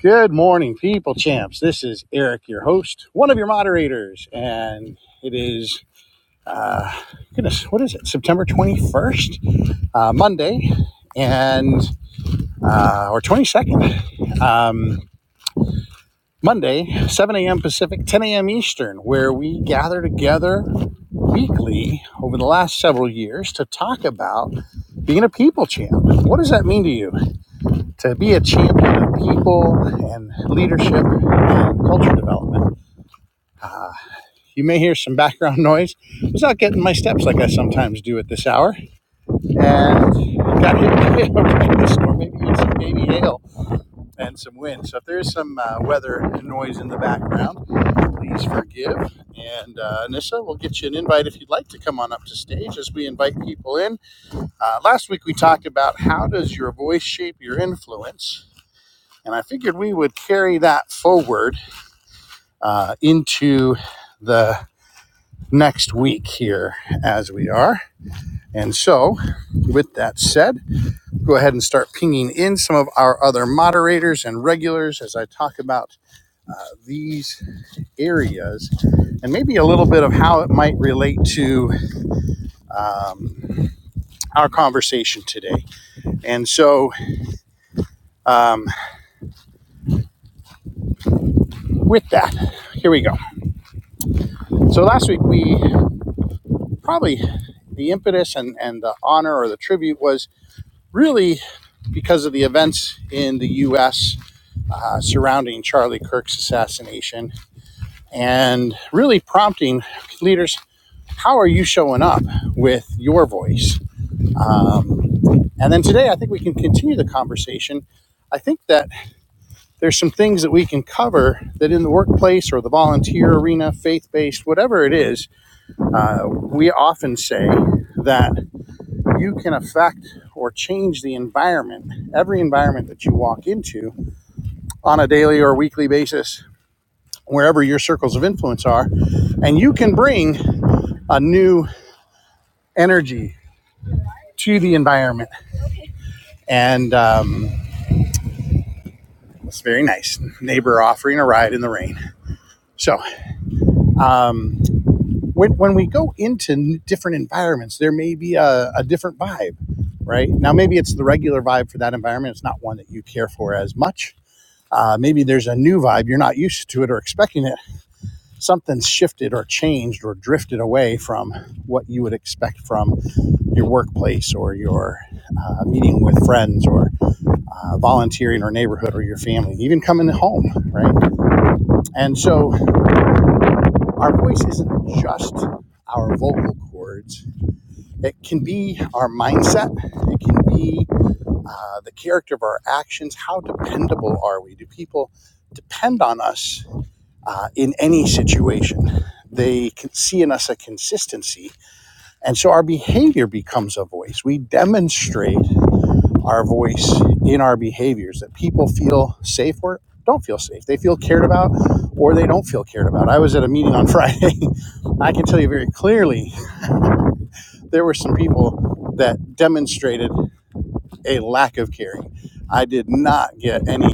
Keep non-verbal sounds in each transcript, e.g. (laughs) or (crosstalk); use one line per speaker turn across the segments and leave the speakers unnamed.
Good morning, people champs. This is Eric, your host, one of your moderators, and it is uh, goodness, what is it? September twenty first, uh, Monday, and uh, or twenty second, um, Monday, seven a.m. Pacific, ten a.m. Eastern, where we gather together weekly over the last several years to talk about being a people champ. What does that mean to you? To be a champion of people and leadership and culture development. Uh, You may hear some background (laughs) noise. I was out getting my steps like I sometimes do at this hour, and got hit by a horrendous storm, (laughs) maybe even some baby hail and some wind. So if there is some uh, weather and noise in the background, please forgive. And uh, Anissa, we'll get you an invite if you'd like to come on up to stage as we invite people in. Uh, last week we talked about how does your voice shape your influence, and I figured we would carry that forward uh, into the next week here as we are. And so, with that said, go ahead and start pinging in some of our other moderators and regulars as I talk about uh, these areas and maybe a little bit of how it might relate to um, our conversation today. And so, um, with that, here we go. So, last week we probably the impetus and, and the honor or the tribute was really because of the events in the US uh, surrounding Charlie Kirk's assassination and really prompting leaders how are you showing up with your voice um, and then today i think we can continue the conversation i think that there's some things that we can cover that in the workplace or the volunteer arena faith-based whatever it is uh, we often say that you can affect or change the environment every environment that you walk into on a daily or weekly basis wherever your circles of influence are and you can bring a new energy to the environment. And um, it's very nice. Neighbor offering a ride in the rain. So um, when, when we go into different environments, there may be a, a different vibe, right? Now, maybe it's the regular vibe for that environment. It's not one that you care for as much. Uh, maybe there's a new vibe. You're not used to it or expecting it. Something's shifted or changed or drifted away from what you would expect from your workplace or your uh, meeting with friends or uh, volunteer in our neighborhood or your family, even coming home, right? And so our voice isn't just our vocal cords, it can be our mindset, it can be uh, the character of our actions. How dependable are we? Do people depend on us uh, in any situation? They can see in us a consistency. And so our behavior becomes a voice. We demonstrate our voice in our behaviors that people feel safe or don't feel safe. They feel cared about or they don't feel cared about. I was at a meeting on Friday. (laughs) I can tell you very clearly there were some people that demonstrated a lack of caring. I did not get any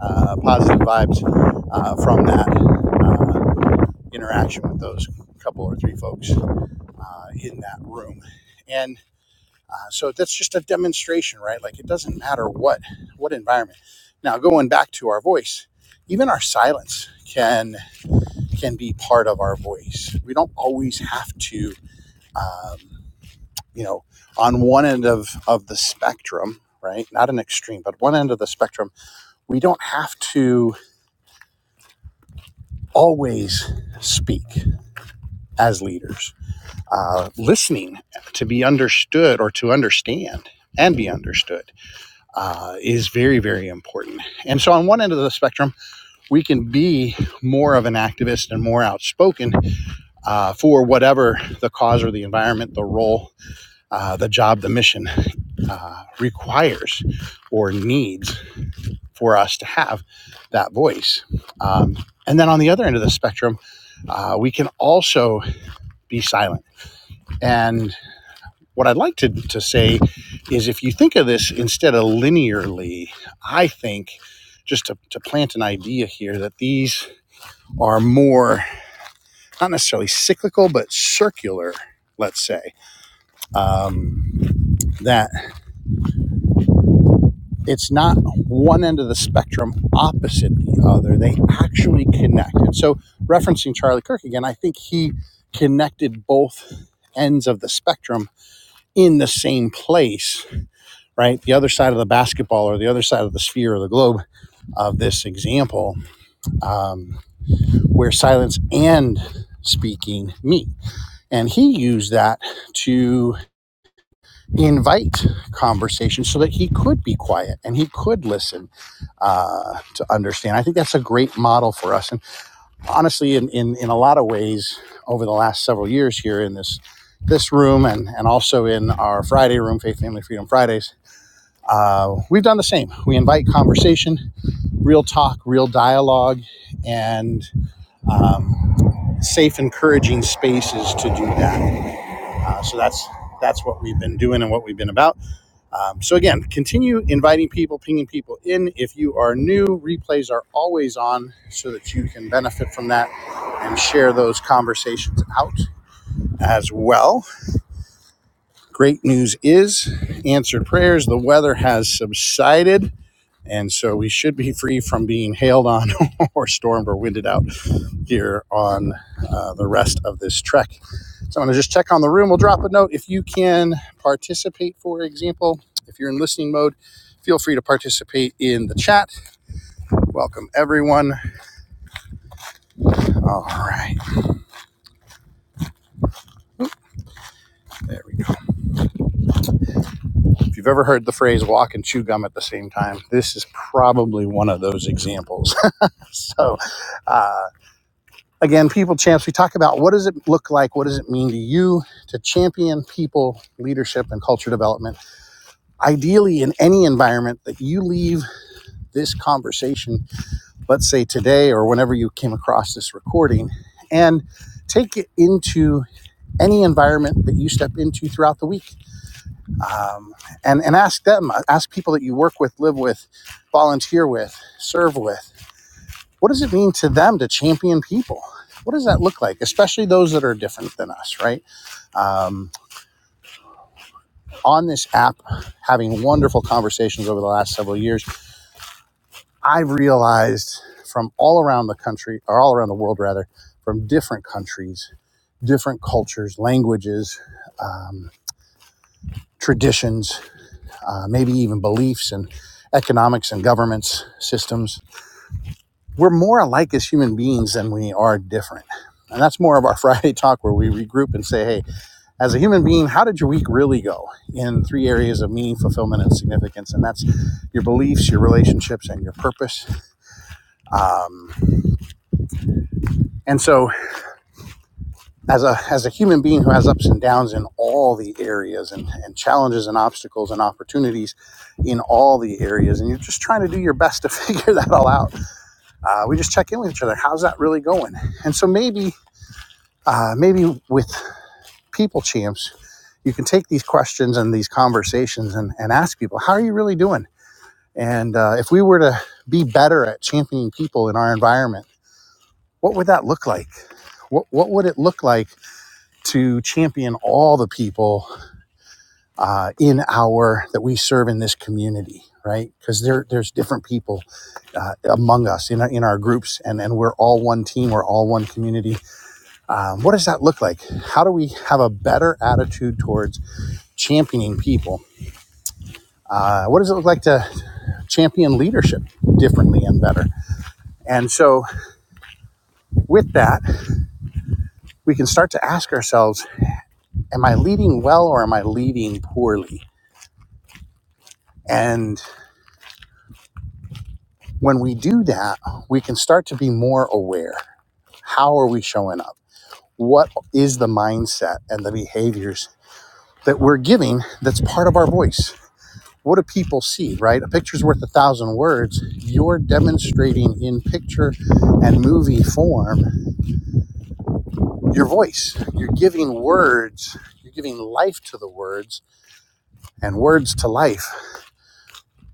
uh, positive vibes uh, from that uh, interaction with those couple or three folks uh, in that room. and. Uh, so that's just a demonstration, right? Like it doesn't matter what what environment. Now going back to our voice, even our silence can can be part of our voice. We don't always have to, um, you know, on one end of of the spectrum, right? Not an extreme, but one end of the spectrum, we don't have to always speak as leaders. Uh, listening to be understood or to understand and be understood uh, is very, very important. And so, on one end of the spectrum, we can be more of an activist and more outspoken uh, for whatever the cause or the environment, the role, uh, the job, the mission uh, requires or needs for us to have that voice. Um, and then on the other end of the spectrum, uh, we can also be silent. And what I'd like to, to say is if you think of this instead of linearly, I think just to, to plant an idea here that these are more, not necessarily cyclical, but circular, let's say, um, that it's not one end of the spectrum opposite the other. They actually connect. And so, referencing Charlie Kirk again, I think he connected both ends of the spectrum in the same place right? The other side of the basketball or the other side of the sphere or the globe of this example, um, where silence and speaking meet. And he used that to invite conversation so that he could be quiet and he could listen uh, to understand. I think that's a great model for us. And honestly, in, in, in a lot of ways, over the last several years here in this this room and, and also in our Friday room, Faith, Family, Freedom Fridays, uh, we've done the same. We invite conversation real talk, real dialogue, and um, safe, encouraging spaces to do that. Uh, so that's that's what we've been doing and what we've been about. Um, so again, continue inviting people, pinging people in. If you are new, replays are always on, so that you can benefit from that and share those conversations out as well. Great news is answered prayers. The weather has subsided. And so we should be free from being hailed on (laughs) or stormed or winded out here on uh, the rest of this trek. So I'm going to just check on the room. We'll drop a note if you can participate, for example. If you're in listening mode, feel free to participate in the chat. Welcome, everyone. All right, there we go. If you've ever heard the phrase walk and chew gum at the same time, this is probably one of those examples. (laughs) so, uh, again, people champs, we talk about what does it look like? What does it mean to you to champion people, leadership, and culture development? ideally in any environment that you leave this conversation, let's say today or whenever you came across this recording, and take it into any environment that you step into throughout the week. Um, and, and ask them, uh, ask people that you work with, live with, volunteer with, serve with. What does it mean to them to champion people? What does that look like, especially those that are different than us, right? Um, on this app, having wonderful conversations over the last several years I've realized from all around the country, or all around the world rather, from different countries, different cultures, languages, um, traditions, uh, maybe even beliefs and economics and governments, systems, we're more alike as human beings than we are different. And that's more of our (laughs) Friday talk where we regroup and say, hey, as a human being, how did your week really go in three areas of meaning, fulfillment, and significance? And that's your beliefs, your relationships, and your purpose. Um, and so as a as a human being who has ups and downs in all the areas and, and challenges and obstacles and opportunities in all the areas and you're just trying to do your best to (laughs) figure that all out uh, we just check in with each other how's that really going and so maybe uh, maybe with people champs you can take these questions and these conversations and, and ask people how are you really doing and uh, if we were to be better at championing people in our environment what would that look like what, what would it look like to champion all the people uh, in our that we serve in this community right because there there's different people uh, among us in our, in our groups and and we're all one team we're all one community um, what does that look like how do we have a better attitude towards championing people uh, what does it look like to champion leadership differently and better and so with that we can start to ask ourselves am i leading well or am i leading poorly and when we do that we can start to be more aware How are we showing up? What is the mindset and the behaviors that we're giving that's part of our voice? What do people see, right? A picture's worth a thousand words. You're demonstrating in picture and movie form your voice. You're giving words, you're giving life to the words and words to life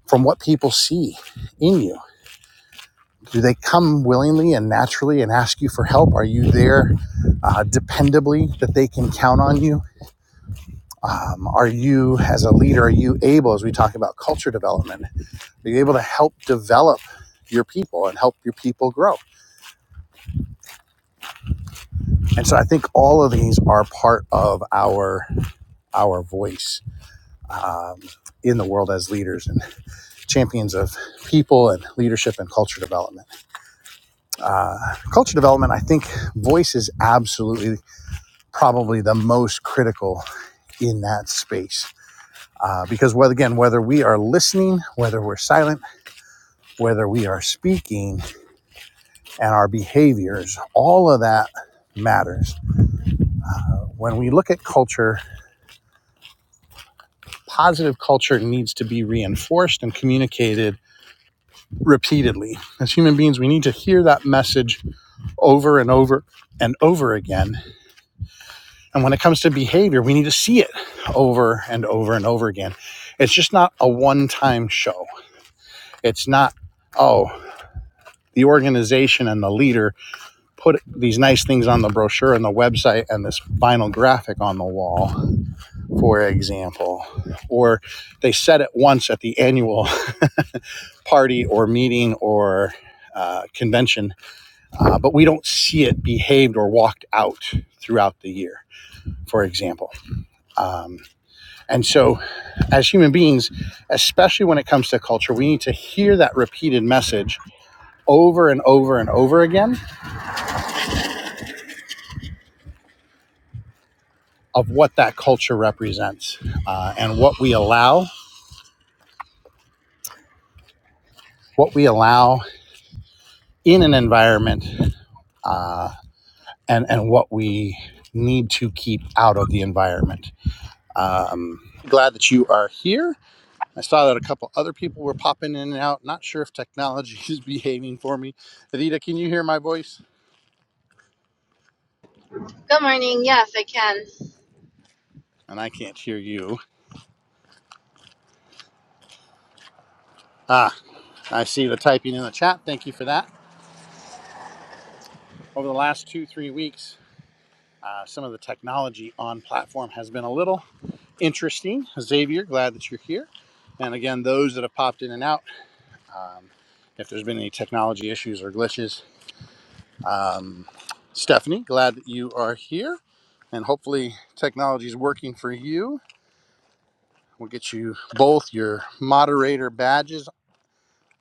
from what people see in you. Do they come willingly and naturally and ask you for help? Are you there uh, dependably that they can count on you? um, are you as a leader are you able as we talk about culture development are you able to help develop your people and help your people grow and so i think all of these are part of our our voice um, in the world as leaders and champions of people and leadership and culture development uh, culture development i think voice is absolutely probably the most critical in that space uh, because whether again whether we are listening whether we're silent whether we are speaking and our behaviors, all of that matters. When we look at culture, positive culture needs to be reinforced and communicated repeatedly. As human beings, we need to hear that message over and over and over again. And when it comes to behavior, we need to see it over and over and over again. It's just not a one time show. It's not, oh, the organization and the leader put these nice things on the brochure and the website and this vinyl graphic on the wall, for example. Or they said it once at the annual (laughs) party or meeting or uh, convention, uh, but we don't see it behaved or walked out throughout the year, for example. Um, and so, as human beings, especially when it comes to culture, we need to hear that repeated message over and over and over again of what that culture represents uh, and what we allow what we allow in an environment uh, and and what we need to keep out of the environment. Um, glad that you are here. I saw that a couple other people were popping in and out. Not sure if technology (laughs) is behaving for me. Adita, can you hear my voice?
Good morning. Yes, I can.
And I can't hear you. Ah, I see the typing in the chat. Thank you for that. Over the last two three weeks, uh, some of the technology on platform has been a little interesting. Xavier, glad that you're here. And again, those that have popped in and out. um, if there's been any technology issues or glitches. Um, Stephanie, glad that you are here, and hopefully technology is working for you. We'll get you both your moderator badges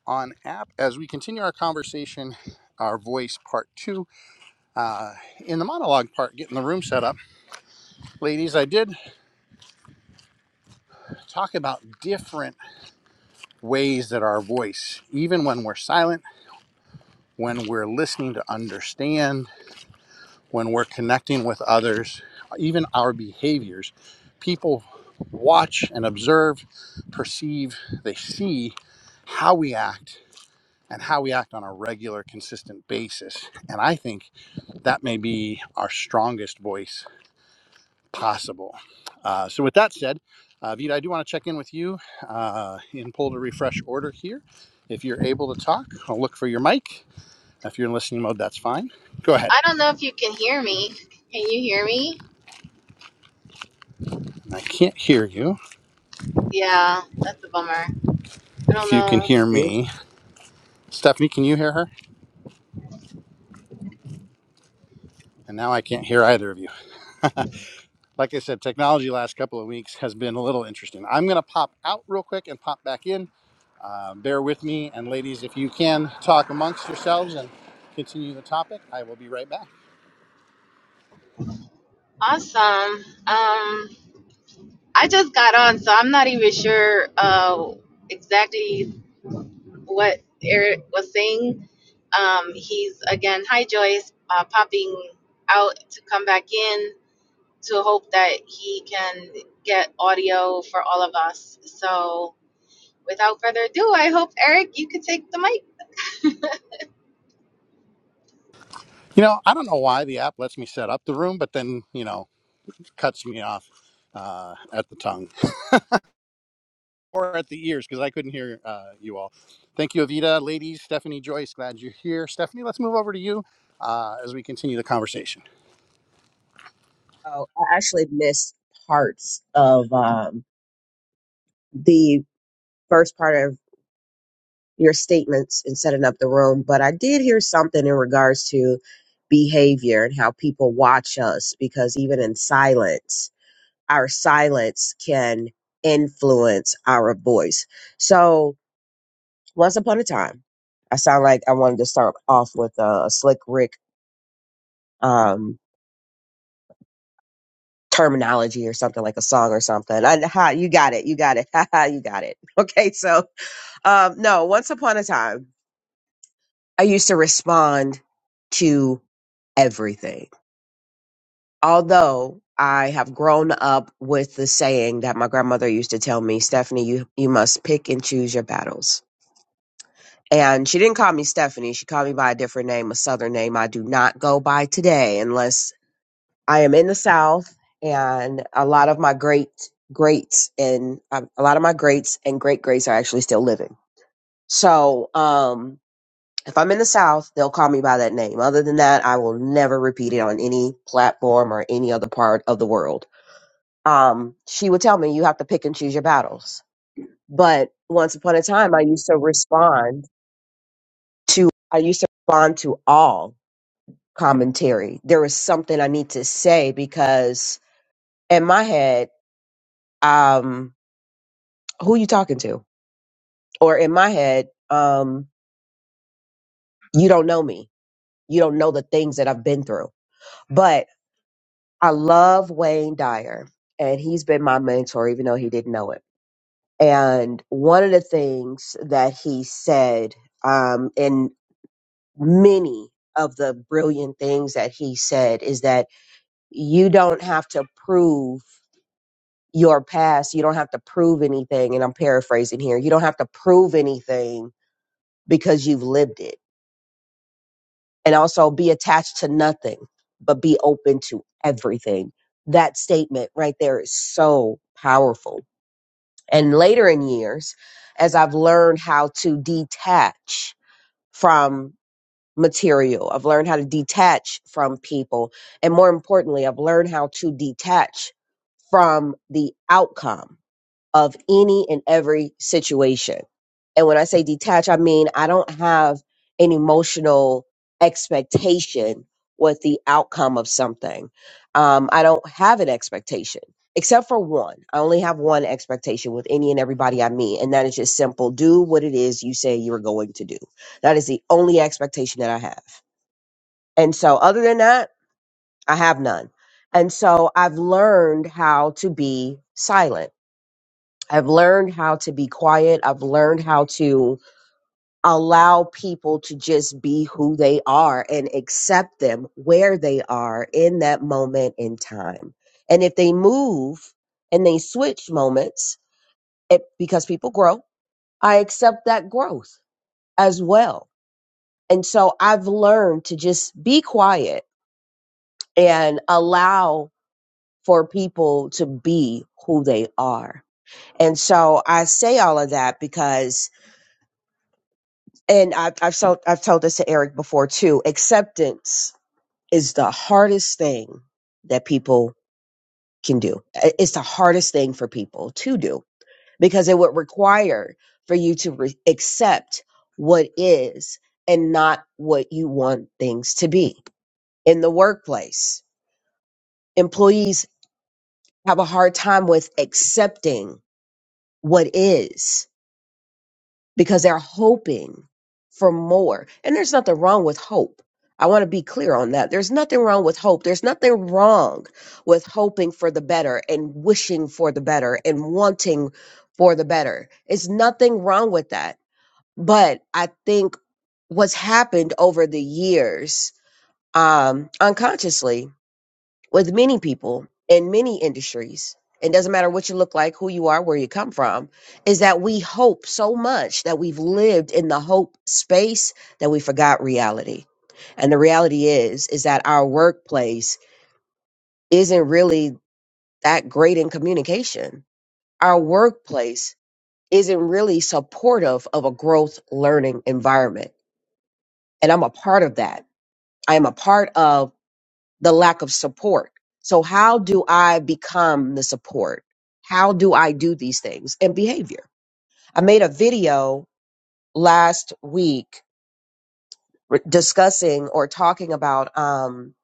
on app as we continue our conversation, our voice part two. Uh, in the monologue part, getting the room set up, ladies, I did talk about different ways that our voice, even when we're silent, when we're listening to understand when we're connecting with others, even our behaviors, people watch and observe, perceive, they see how we act and how we act on a regular, consistent basis. And I think that may be our strongest voice possible. Uh, so, with that said, uh, Vita, I do want to check in with you uh, in pull to refresh order here. If you're able to talk, I'll look for your mic. If you're in listening mode, that's fine. Go ahead.
I don't know if you can hear me. Can you hear me?
I can't hear you.
Yeah, that's a bummer. I don't
If you can
know.
hear
you.
me, Stephanie, can you hear her? And now I can't hear either of you. (laughs) Like I said, technology last couple of weeks has been a little interesting. I'm going to pop out real quick and pop back in. Uh, bear with me. And ladies, if you can talk amongst yourselves and continue the topic, I will be right back.
Awesome. Um, I just got on, so I'm not even sure uh, exactly what Eric was saying. Um, he's again, hi Joyce, uh, popping out to come back in to hope that he can get audio for all of us. So, without further ado, I hope Eric, you could take the mic.
You know, I don't know why the app lets me set up the room, but then, you know, cuts me off uh, at the tongue (laughs) or at the ears because I couldn't hear uh, you all. Thank you, Avita. Ladies, Stephanie Joyce, glad you're here. Stephanie, let's move over to you uh, as we continue the conversation.
Oh, I actually missed parts of um, the first part of your statements in setting up the room, but I did hear something in regards to behavior and how people watch us because even in silence, our silence can influence our voice. So, once upon a time, I sound like I wanted to start off with a slick Rick. um, terminology or something like a song or something. I, ha, you got it. You got it. (laughs) Ha, ha, you got it. Okay. So, um, no, once upon a time, I used to respond to everything. Although I have grown up with the saying that my grandmother used to tell me, Stephanie, you, you must pick and choose your battles. And she didn't call me Stephanie. She called me by a different name, a Southern name I do not go by today unless I am in the South, and a lot of my great greats and um, a lot of my greats and great greats are actually still living. So, um, if I'm in the South, they'll call me by that name. Other than that, I will never repeat it on any platform or any other part of the world. Um, she would tell me you have to pick and choose your battles. But once upon a time, I used to respond to I used to respond to all commentary. There was something I need to say because in my head um, who you talking to? Or in my head, um, you don't know me. You don't know the things that I've been through. But I love Wayne Dyer, and he's been my mentor, even though he didn't know it. And one of the things that he said, um, and many of the brilliant things that he said, is that you don't have to prove your past. You don't have to prove anything. And I'm paraphrasing here. You don't have to prove anything because you've lived it and also be attached to nothing, but be open to everything. That statement right there is so powerful. And later in years, as I've learned how to detach from material, I've learned how to detach from people. And more importantly, I've learned how to detach from the outcome of any and every situation. And when I say detach, I mean I don't have an emotional expectation with the outcome of something. Um, I don't have an expectation, except for one. I only have one expectation with any and everybody I meet, and that is just simple do what it is you say you're going to do. That is the only expectation that I have. And so, other than that, I have none. And so, I've learned how to be silent. I've learned how to be quiet. I've learned how to allow people to just be who they are and accept them where they are in that moment in time. And if they move and they switch moments, it, because people grow, I accept that growth as well. And so I've learned to just be quiet and allow for people to be who they are. And so I say all of that because and I've I've told I've told this to Eric before too. Acceptance is the hardest thing that people can do. I- It's the hardest thing for people to do because it would require for you to re- accept what is and not what you want things to be in the workplace. Employees have a hard time with accepting what is because they're hoping for more. And there's nothing wrong with hope. I want to be clear on that. There's nothing wrong with hope. There's nothing wrong with hoping for the better and wishing for the better and wanting for the better. It's nothing wrong with that. But I think what's happened over the years, um, unconsciously with many people in many industries, it doesn't matter what you look like, who you are, where you come from, is that we hope so much that we've lived in the hope space that we forgot reality. And the reality is, is that our workplace isn't really that great in communication. Our workplace isn't really supportive of a growth learning environment. And I'm a part of that. I am a part of the lack of support. So how do I become the support? How do I do these things and behavior? I made a video last week re- discussing or talking about um,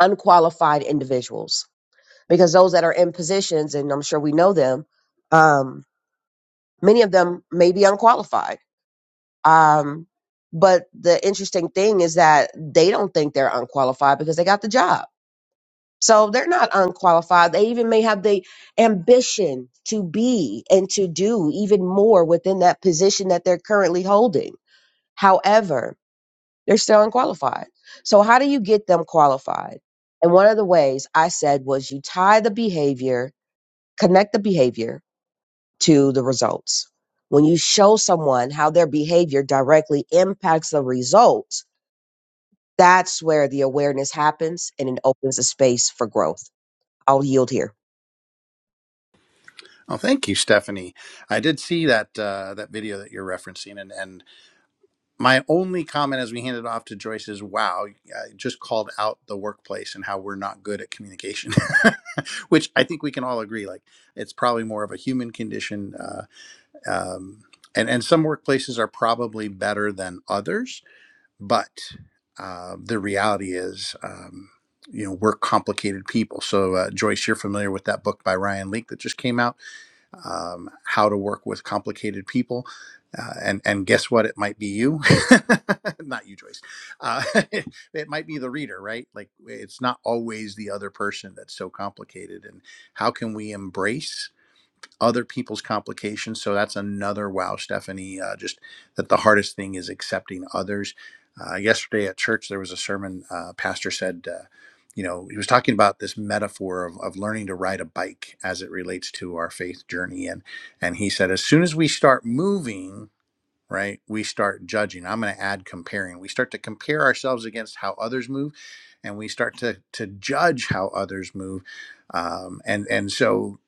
unqualified individuals because those that are in positions, and I'm sure we know them, um, many of them may be unqualified. Um, but the interesting thing is that they don't think they're unqualified because they got the job So they're not unqualified. They even may have the ambition to be and to do even more within that position that they're currently holding. However, they're still unqualified. So, how do you get them qualified? And one of the ways I said was you tie the behavior, connect the behavior to the results. When you show someone how their behavior directly impacts the results, that's where the awareness happens and it opens a space for growth. I'll yield here.
Oh, thank you, Stephanie. I did see that uh, that video that you're referencing, and and my only comment as we hand it off to Joyce is, "Wow, I just called out the workplace and how we're not good at communication," (laughs) which I think we can all agree. Like, it's probably more of a human condition, uh, um, and and some workplaces are probably better than others, but uh, the reality is. Um, you know, we're complicated people. So, uh, Joyce, you're familiar with that book by Ryan Leake that just came out um, how to work with complicated people. Uh, and and guess what? It might be you, (laughs) not you, Joyce. Uh, (laughs) it it might be the reader, right? Like it's not always the other person that's so complicated. And how can we embrace other people's complications. So that's another wow, Stephanie. Uh, just that the hardest thing is accepting others. Uh, yesterday at church, there was a sermon. Uh, pastor said, uh, you know, he was talking about this metaphor of, of learning to ride a bike as it relates to our faith journey, and and he said, as soon as we start moving, right, we start judging. I'm going to add comparing. We start to compare ourselves against how others move, and we start to to judge how others move um, and and so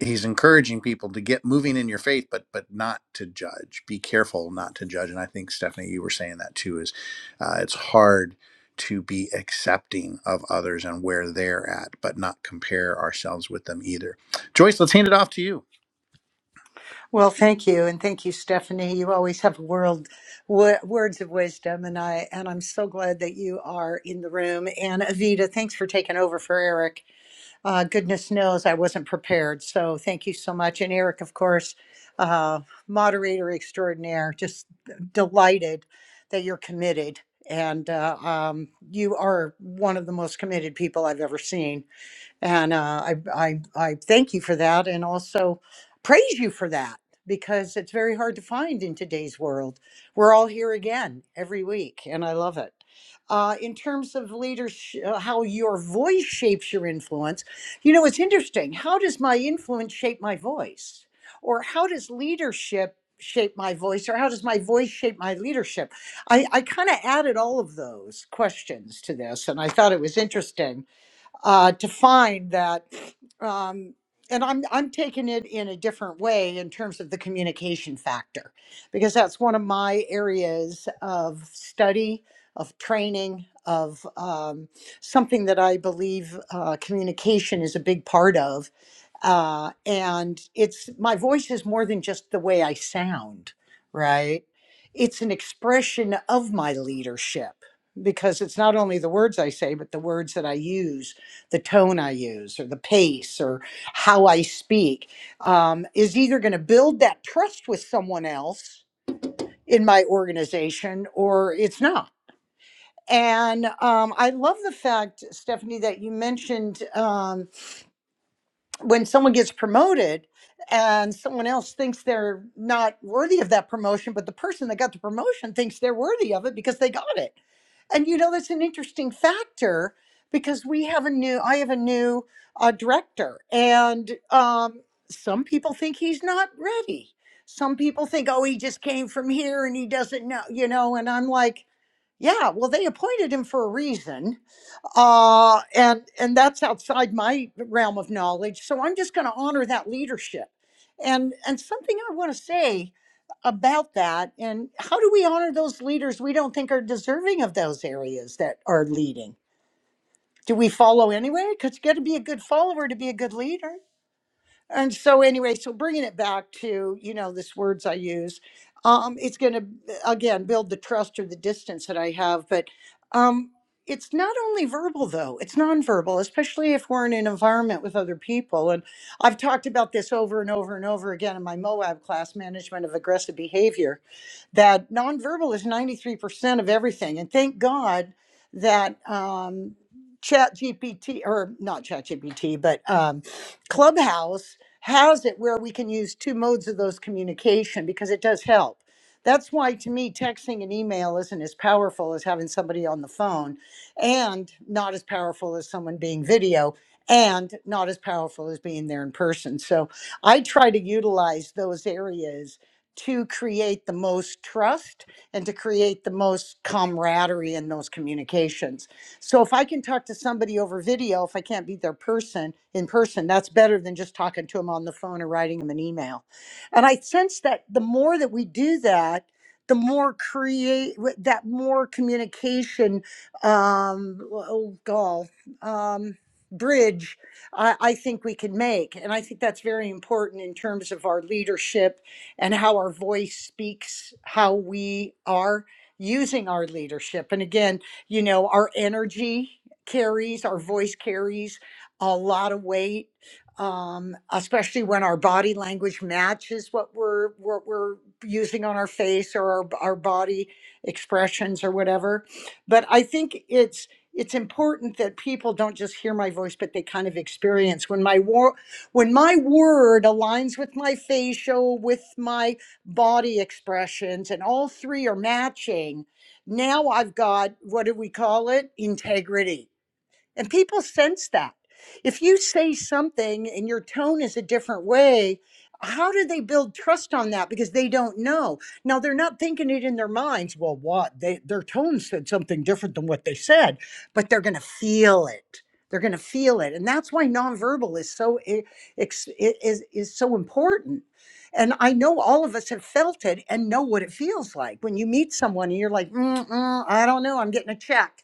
he's encouraging people to get moving in your faith but but not to judge be careful not to judge and i think stephanie you were saying that too is uh, it's hard to be accepting of others and where they're at but not compare ourselves with them either joyce let's hand it off to you
Well, thank you, and thank you, Stephanie. You always have world w- words of wisdom, and I and I'm so glad that you are in the room. And Avita, thanks for taking over for Eric. Uh, goodness knows I wasn't prepared, so thank you so much. And Eric, of course, uh, moderator extraordinaire, just delighted that you're committed, and uh, um, you are one of the most committed people I've ever seen and uh, I, I I thank you for that, and also praise you for that because it's very hard to find in today's world. We're all here again every week, and I love it. Uh, in terms of leadership, how your voice shapes your influence, you know, it's interesting. How does my influence shape my voice, or how does leadership? shape my voice or how does my voice shape my leadership i, I kind of added all of those questions to this and i thought it was interesting uh, to find that um, and I'm I'm taking it in a different way in terms of the communication factor because that's one of my areas of study of training of um, something that I believe uh, communication is a big part of uh, and it's my voice is more than just the way I sound, right? It's an expression of my leadership because it's not only the words I say, but the words that I use, the tone I use, or the pace, or how I speak um, is either going to build that trust with someone else in my organization or it's not. And um, I love the fact, Stephanie, that you mentioned um, when someone gets promoted and someone else thinks they're not worthy of that promotion, but the person that got the promotion thinks they're worthy of it because they got it. And you know, that's an interesting factor because we have a new, I have a new uh, director, and um, some people think he's not ready. Some people think, oh, he just came from here and he doesn't know, you know, and I'm like, yeah, well, they appointed him for a reason uh, and and that's outside my realm of knowledge. So I'm just going to honor that leadership, and and something I want to say about that, and how do we honor those leaders we don't think are deserving of those areas that are leading? Do we follow anyway? Because you got to be a good follower to be a good leader and so anyway so bringing it back to you know this words i use um it's going to again build the trust or the distance that i have but um it's not only verbal though it's nonverbal especially if we're in an environment with other people and i've talked about this over and over and over again in my moab class management of aggressive behavior that nonverbal is 93% of everything. And thank God that um, Chat or not ChatGPT, but um, Clubhouse has it where we can use two modes of those communication because it does help. That's why, to me, texting and email isn't as powerful as having somebody on the phone, and not as powerful as someone being video, and not as powerful as being there in person. So I try to utilize those areas to create the most trust and to create the most camaraderie in those communications. So if I can talk to somebody over video, if I can't be their person in person, that's better than just talking to them on the phone or writing them an email. And I sense that the more that we do that, the more create that more communication um oh gall um bridge I, I think we can make and i think that's very important in terms of our leadership and how our voice speaks how we are using our leadership. And again, you know, our energy carries, our voice carries a lot of weight, um, especially when our body language matches what we're what we're using on our face or our, our body expressions or whatever. But I think it's it's important that people don't just hear my voice, but they kind of experience when my wo- when my word aligns with my facial, with my body expressions, and all three are matching, now I've got what do we call it? Integrity. And people sense that. If you say something and your tone is a different way, how do they build trust on that? Because they don't know. Now they're not thinking it in their minds. Well, what they their tone said something different than what they said, but they're going to feel it. They're going to feel it, and that's why nonverbal is so i- ex- i- is is so important. And I know all of us have felt it and know what it feels like when you meet someone and you're like, mm mm, I don't know, I'm getting a check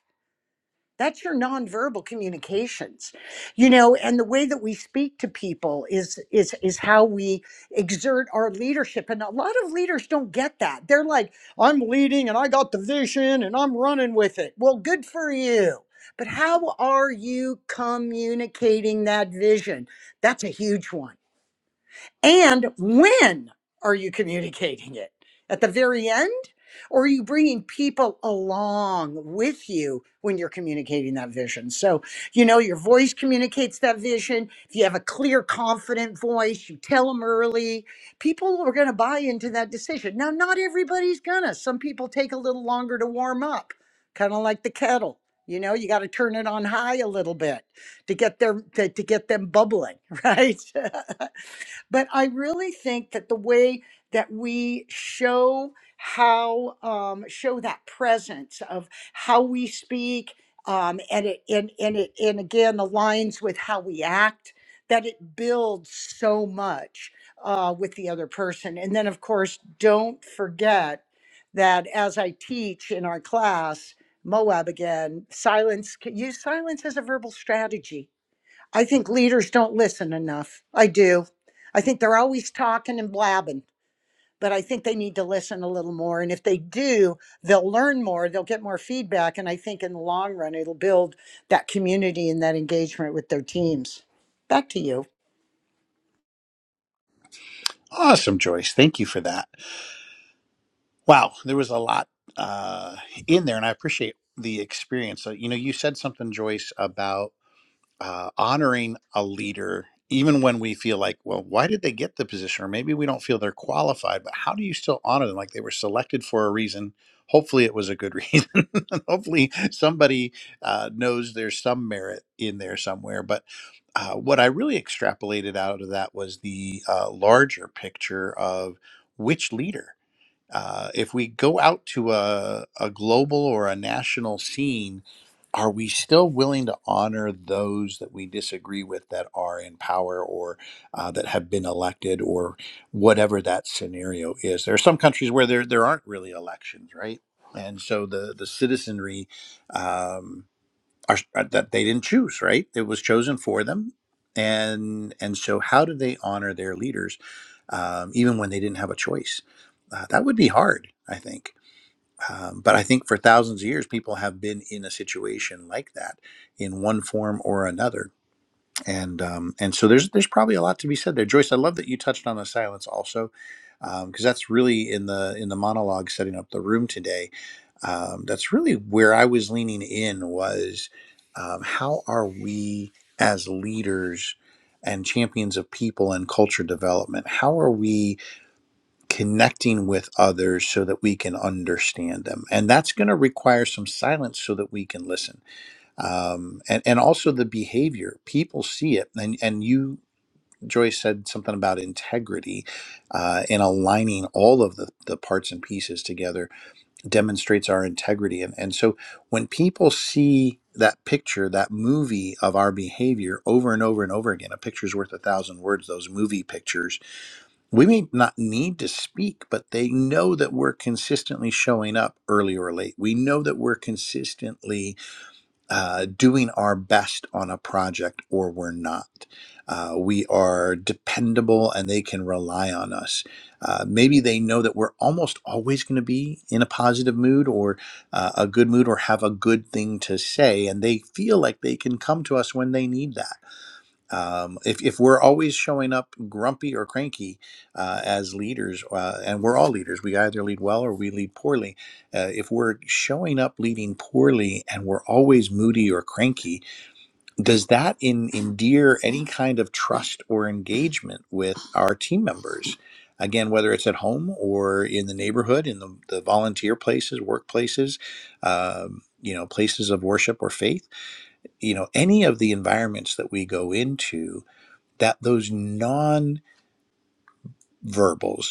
that's your nonverbal communications. You know, and the way that we speak to people is is is how we exert our leadership. And a lot of leaders don't get that. They're like, I'm leading and I got the vision and I'm running with it. Well, good for you. But how are you communicating that vision? That's a huge one. And when are you communicating it? At the very end? Or are you bringing people along with you when you're communicating that vision? So, you know, your voice communicates that vision. If you have a clear, confident voice, you tell them early, people are going to buy into that decision. Now, not everybody's going to. Some people take a little longer to warm up, kind of like the kettle. You know, you got to turn it on high a little bit to get their to, to get them bubbling, (laughs) right? (laughs) But I really think that the way that we show how um, show that presence of how we speak, um, and it and, and it and again aligns with how we act, that it builds so much uh, with the other person. And then of course, don't forget that as I teach in our class, Moab again, silence, use silence as a verbal strategy I think leaders don't listen enough. I do. I think they're always talking and blabbing, but I think they need to listen a little more. And if they do, they'll learn more, they'll get more feedback. And I think in the long run, it'll build that community and that engagement with their teams. Back to you.
awesome joyce thank you for that wow there was a lot uh, in there and i appreciate the experience so, you know you said something joyce about. uh, honoring a leader, even when we feel like, well, why did they get the position? Or maybe we don't feel they're qualified, but how do you still honor them? Like they were selected for a reason. Hopefully, it was a good (laughs) reason. And Hopefully, somebody uh, knows there's some merit in there somewhere. But uh, what I really extrapolated out of that was the uh, larger picture of which leader. Uh, if we go out to a, a global or a national scene, are we still willing to honor those that we disagree with that are in power or uh, that have been elected or whatever that scenario is? There are some countries where there there aren't really elections, right? And so the the citizenry um, are that they didn't choose, right? It was chosen for them, and and so how do they honor their leaders, um, even when they didn't have a choice? Uh, that would be hard, I think. Um, but I think for thousands of years, people have been in a situation like that in one form or another. And um, and so there's there's probably a lot to be said there, Joyce. I love that you touched on the silence also, because that's really in the in the monologue setting up the room today. Um, that's really where I was leaning in was um, how are we as leaders and champions of people and culture development? How are we? connecting with others so that we can understand them. And that's going to require some silence so that we can listen. Um, and, and also the behavior. People see it. And, and you, Joyce, said something about integrity uh, and aligning all of the, the parts and pieces together demonstrates our integrity. And, and so when people see that picture, that movie of our behavior over and over and over again, a picture's worth a thousand words, those movie pictures we may not need to speak, but they know that we're consistently showing up early or late. We know that we're consistently uh, doing our best on a project or we're not. Uh, we are dependable and they can rely on us. Uh, maybe they know that we're almost always going to be in a positive mood or uh, a good mood or have a good thing to say, and they feel like they can come to us when they need that um, if, if we're always showing up grumpy or cranky uh, as leaders, uh, and we're all leaders, we either lead well or we lead poorly. Uh, if we're showing up leading poorly and we're always moody or cranky, does that in, endear any kind of trust or engagement with our team members? Again, whether it's at home or in the neighborhood, in the, the volunteer places, workplaces, um, you know, places of worship or faith, you know, any of the environments that we go into, that those non-verbals,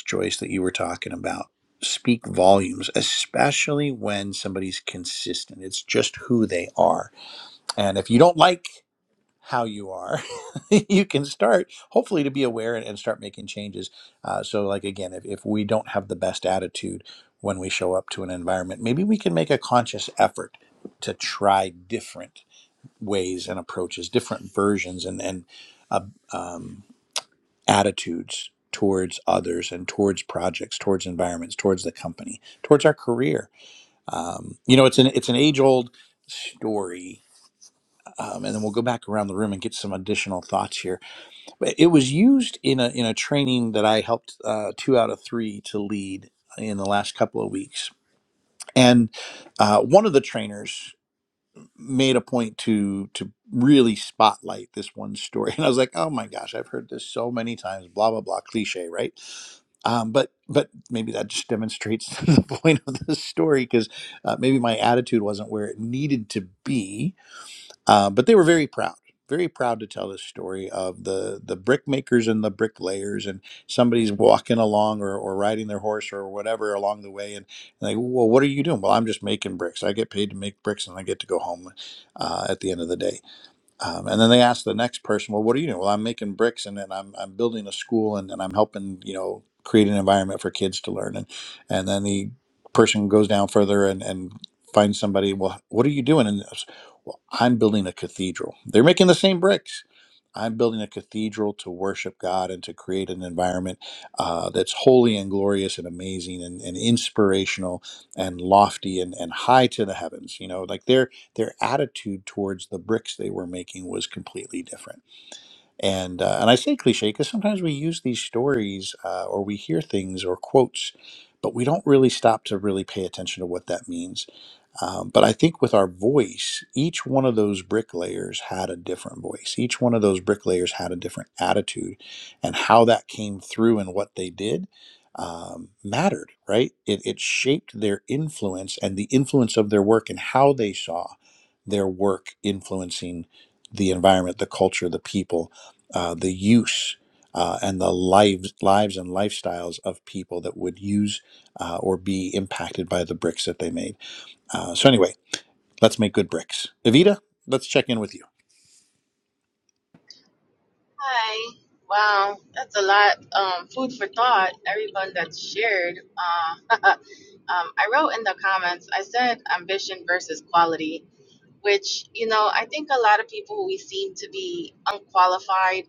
Joyce, that you were talking about, speak volumes, especially when somebody's consistent. It's just who they are. And if you don't like how you are, (laughs) you can start hopefully to be aware and, and start making changes. Uh, so, like again, if, if we don't have the best attitude when we show up to an environment, maybe we can make a conscious effort to try different ways and approaches, different versions, and and uh, um, attitudes towards others and towards projects, towards environments, towards the company, towards our career. Um, you know, it's an it's an age old story, um, and then we'll go back around the room and get some additional thoughts here. But it was used in a in a training that I helped uh, two out of three to lead in the last couple of weeks, and uh, one of the trainers made a point to to really spotlight this one story (laughs) and i was like oh my gosh i've heard this so many times blah blah blah cliche right um, but but maybe that just demonstrates (laughs) the point of this story because uh, maybe my attitude wasn't where it needed to be uh, but they were very proud, very proud to tell this story of the the brickmakers and the bricklayers, and somebody's walking along or, or riding their horse or whatever along the way, and, and they, well, what are you doing? Well, I'm just making bricks. I get paid to make bricks, and I get to go home uh, at the end of the day um, and then they ask the next person, well, what are you doing? Well, I'm making bricks and then I'm, I'm building a school and then I'm helping, you know, create an environment for kids to learn. And, and then the person goes down further and, and finds somebody, well, what are you doing? And it's, well, I'm building a cathedral. They're making the same bricks. I'm building a cathedral to worship God and to create an environment uh, that's holy and glorious and amazing and, and inspirational and lofty and, and high to the heavens. You know, like they're their attitude towards the bricks they were making was completely different. And uh, and I say cliche because sometimes we use these stories uh, or we hear things or quotes, but we don't really stop to really pay attention to what that means. Um, but I think with our voice, each one of those bricklayers had a different voice. Each one of those bricklayers had a different attitude, and how that came through and what they did um, mattered, right? It, it shaped their influence and the influence of their work and how they saw their work influencing the environment, the culture, the people, uh, the use. Uh, and the lives, lives and lifestyles of people that would use uh, or be impacted by the bricks that they made. Uh, so anyway, let's make good bricks. Evita, let's check in with you.
Hi. Wow, that's a lot. Um, food for thought. Everyone that's shared. Uh, (laughs) um, I wrote in the comments. I said ambition versus quality, which you know I think a lot of people we seem to be unqualified.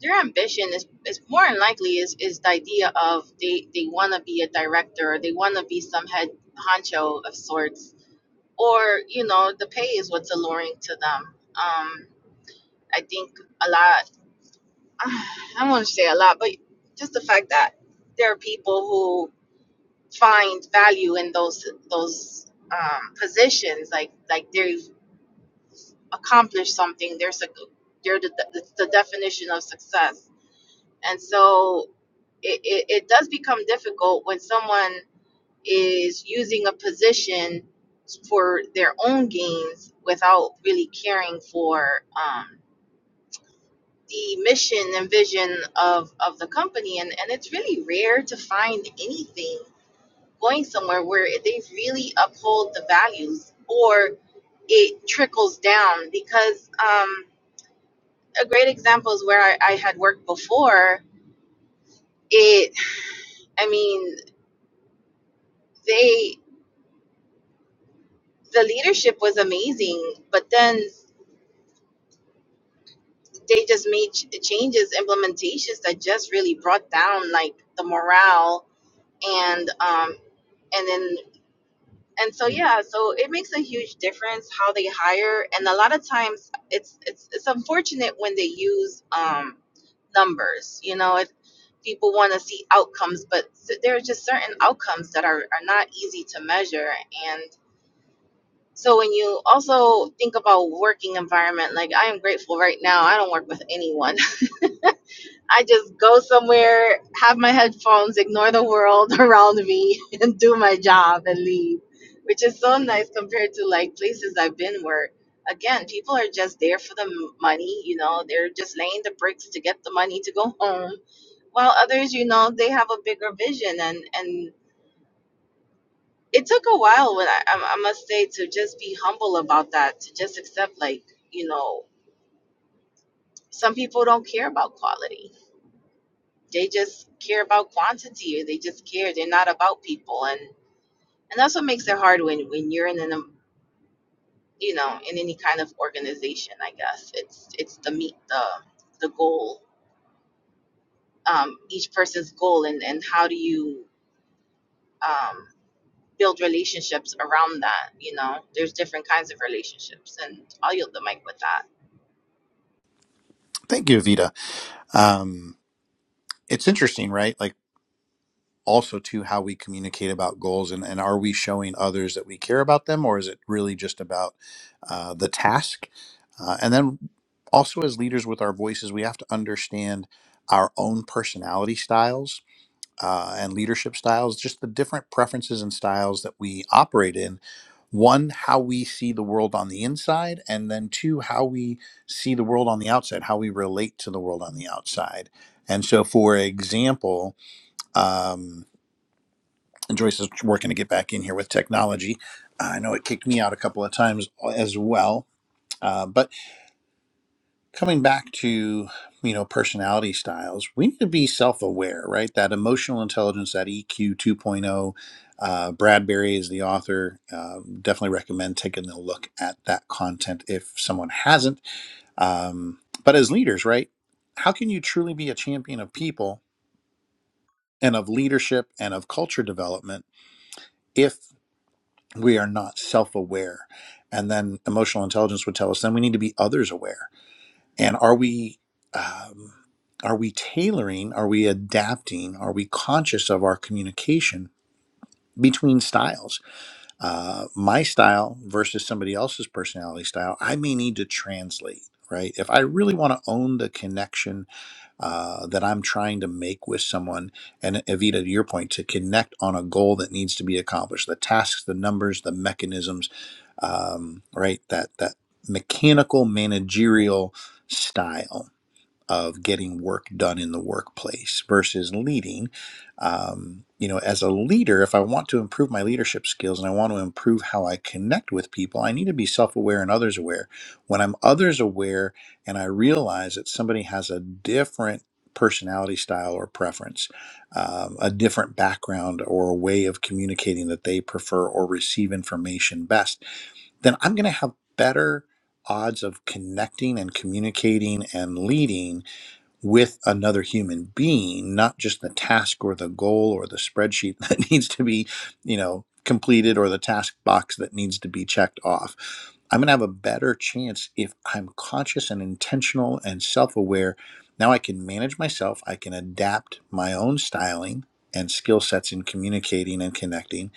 Their ambition is, is more than likely is, is the idea of they, they want to be a director, or they want to be some head honcho of sorts, or you know the pay is what's alluring to them. Um, I think a lot. (sighs) I want to say a lot, but just the fact that there are people who find value in those those um, positions, like like they've accomplished something. There's a they're the, the, the definition of success, and so it, it, it does become difficult when someone is using a position for their own gains without really caring for. Um, the mission and vision of of the company and and it's really rare to find anything going somewhere where they really uphold the values or it trickles down because um a great example is where I, I had worked before it i mean they the leadership was amazing but then they just made ch- changes implementations that just really brought down like the morale and um and then. and so yeah so it makes a huge difference how they hire and a lot of times it's it's it's unfortunate when they use um numbers you know if people want to see outcomes but s- there are just certain outcomes that are are not easy to measure and so when you also think about working environment like i am grateful right now i don't work with anyone I just go somewhere, have my headphones, ignore the world (laughs) around me, and do my job and leave, which is so nice compared to like places I've been where, again, people are just there for the m- money. You know, they're just laying the bricks to get the money to go home. While others, you know, they have a bigger vision and and it took a while when I, I I must say to just be humble about that, to just accept like you know some people don't care about quality They just care about quantity. or They just care. They're not about people, and and that's what makes it hard when when you're in an um, you know in any kind of organization. I guess it's it's the meet the the goal, um, each person's goal, and and how do you um, build relationships around that? You know, there's different kinds of relationships, and I'll yield the mic with that.
Thank you, Evita. Um, it's interesting, right? Like also too how we communicate about goals and, and are we showing others that we care about them or is it really just about uh, the task? Uh, and then also as leaders with our voices, we have to understand our own personality styles uh, and leadership styles, just the different preferences and styles that we operate in. One, how we see the world on the inside, and then two, how we see the world on the outside, how we relate to the world on the outside. And so, for example, um, and Joyce is working to get back in here with technology. I know it kicked me out a couple of times uh, as well. uh, But coming back to you know personality styles we need to be self-aware right that emotional intelligence that eq 2.0 uh, bradbury is the author uh, definitely recommend taking a look at that content if someone hasn't um, but as leaders right how can you truly be a champion of people and of leadership and of culture development if we are not self-aware and then emotional intelligence would tell us then we need to be others aware and are we um, are we tailoring are we adapting are we conscious of our communication between styles uh, my style versus somebody else's personality style i may need to translate right if i really want to own the connection uh, that i'm trying to make with someone and evita to your point to connect on a goal that needs to be accomplished the tasks the numbers the mechanisms um, right that that mechanical managerial style of getting work done in the workplace versus leading. Um, you know, as a leader, if I want to improve my leadership skills and I want to improve how I connect with people, I need to be self aware and others aware. When I'm others aware and I realize that somebody has a different personality style or preference, um, a different background or a way of communicating that they prefer or receive information best, then I'm going to have better odds of connecting and communicating and leading with another human being, not just the task or the goal or the spreadsheet (laughs) that needs to be, you know, completed or the task box that needs to be checked off. I'm going to have a better chance if I'm conscious and intentional and self aware. Now I can manage myself, I can adapt my own styling and skill sets in communicating and connecting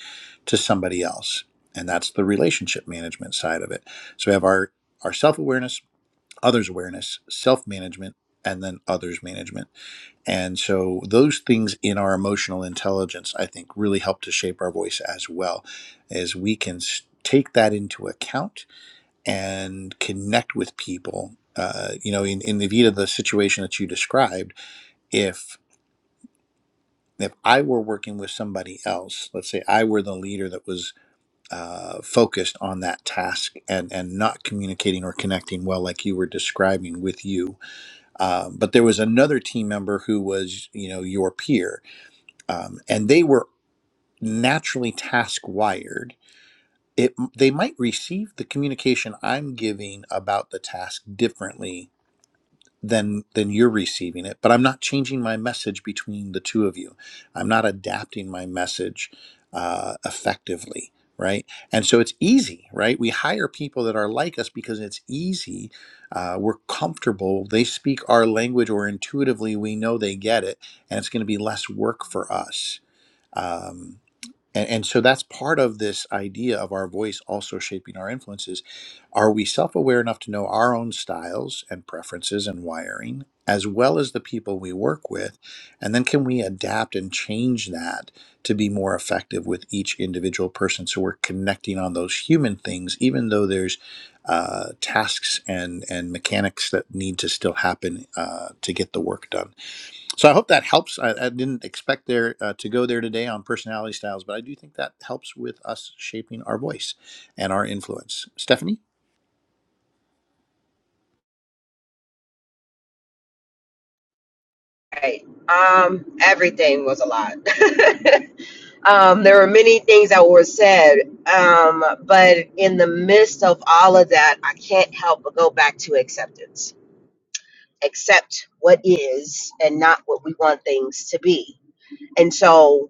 to somebody else. And that's the relationship management side of it. So we have our, our self awareness, others awareness, self management, and then others management. And so those things in our emotional intelligence, I think, really help to shape our voice as well, as we can s- take that into account and connect with people. Uh, you know, in, in the Vita, the situation that you described, if if I were working with somebody else, let's say I were the leader that was uh, focused on that task and and not communicating or connecting well, like you were describing with you, Um, but there was another team member who was, you know, your peer, um, and they were naturally task wired. It they might receive the communication I'm giving about the task differently than than you're receiving it but i'm not changing my message between the two of you i'm not adapting my message uh, effectively right and so it's easy right we hire people that are like us because it's easy uh, we're comfortable they speak our language or intuitively we know they get it and it's going to be less work for us Um, and, and so that's part of this idea of our voice also shaping our influences. Are we self aware enough to know our own styles and preferences and wiring, as well as the people we work with? And then can we adapt and change that to be more effective with each individual person? So we're connecting on those human things, even though there's uh, tasks and, and mechanics that need to still happen uh, to get the work done. So I hope that helps. I, I didn't expect there uh, to go there today on personality styles, but I do think that helps with us shaping our voice and our influence. Stephanie?
Right. Um, everything was a lot. (laughs) um, there were many things that were said, um, but in the midst of all of that, I can't help but go back to acceptance. Accept what is and not what we want things to be. And so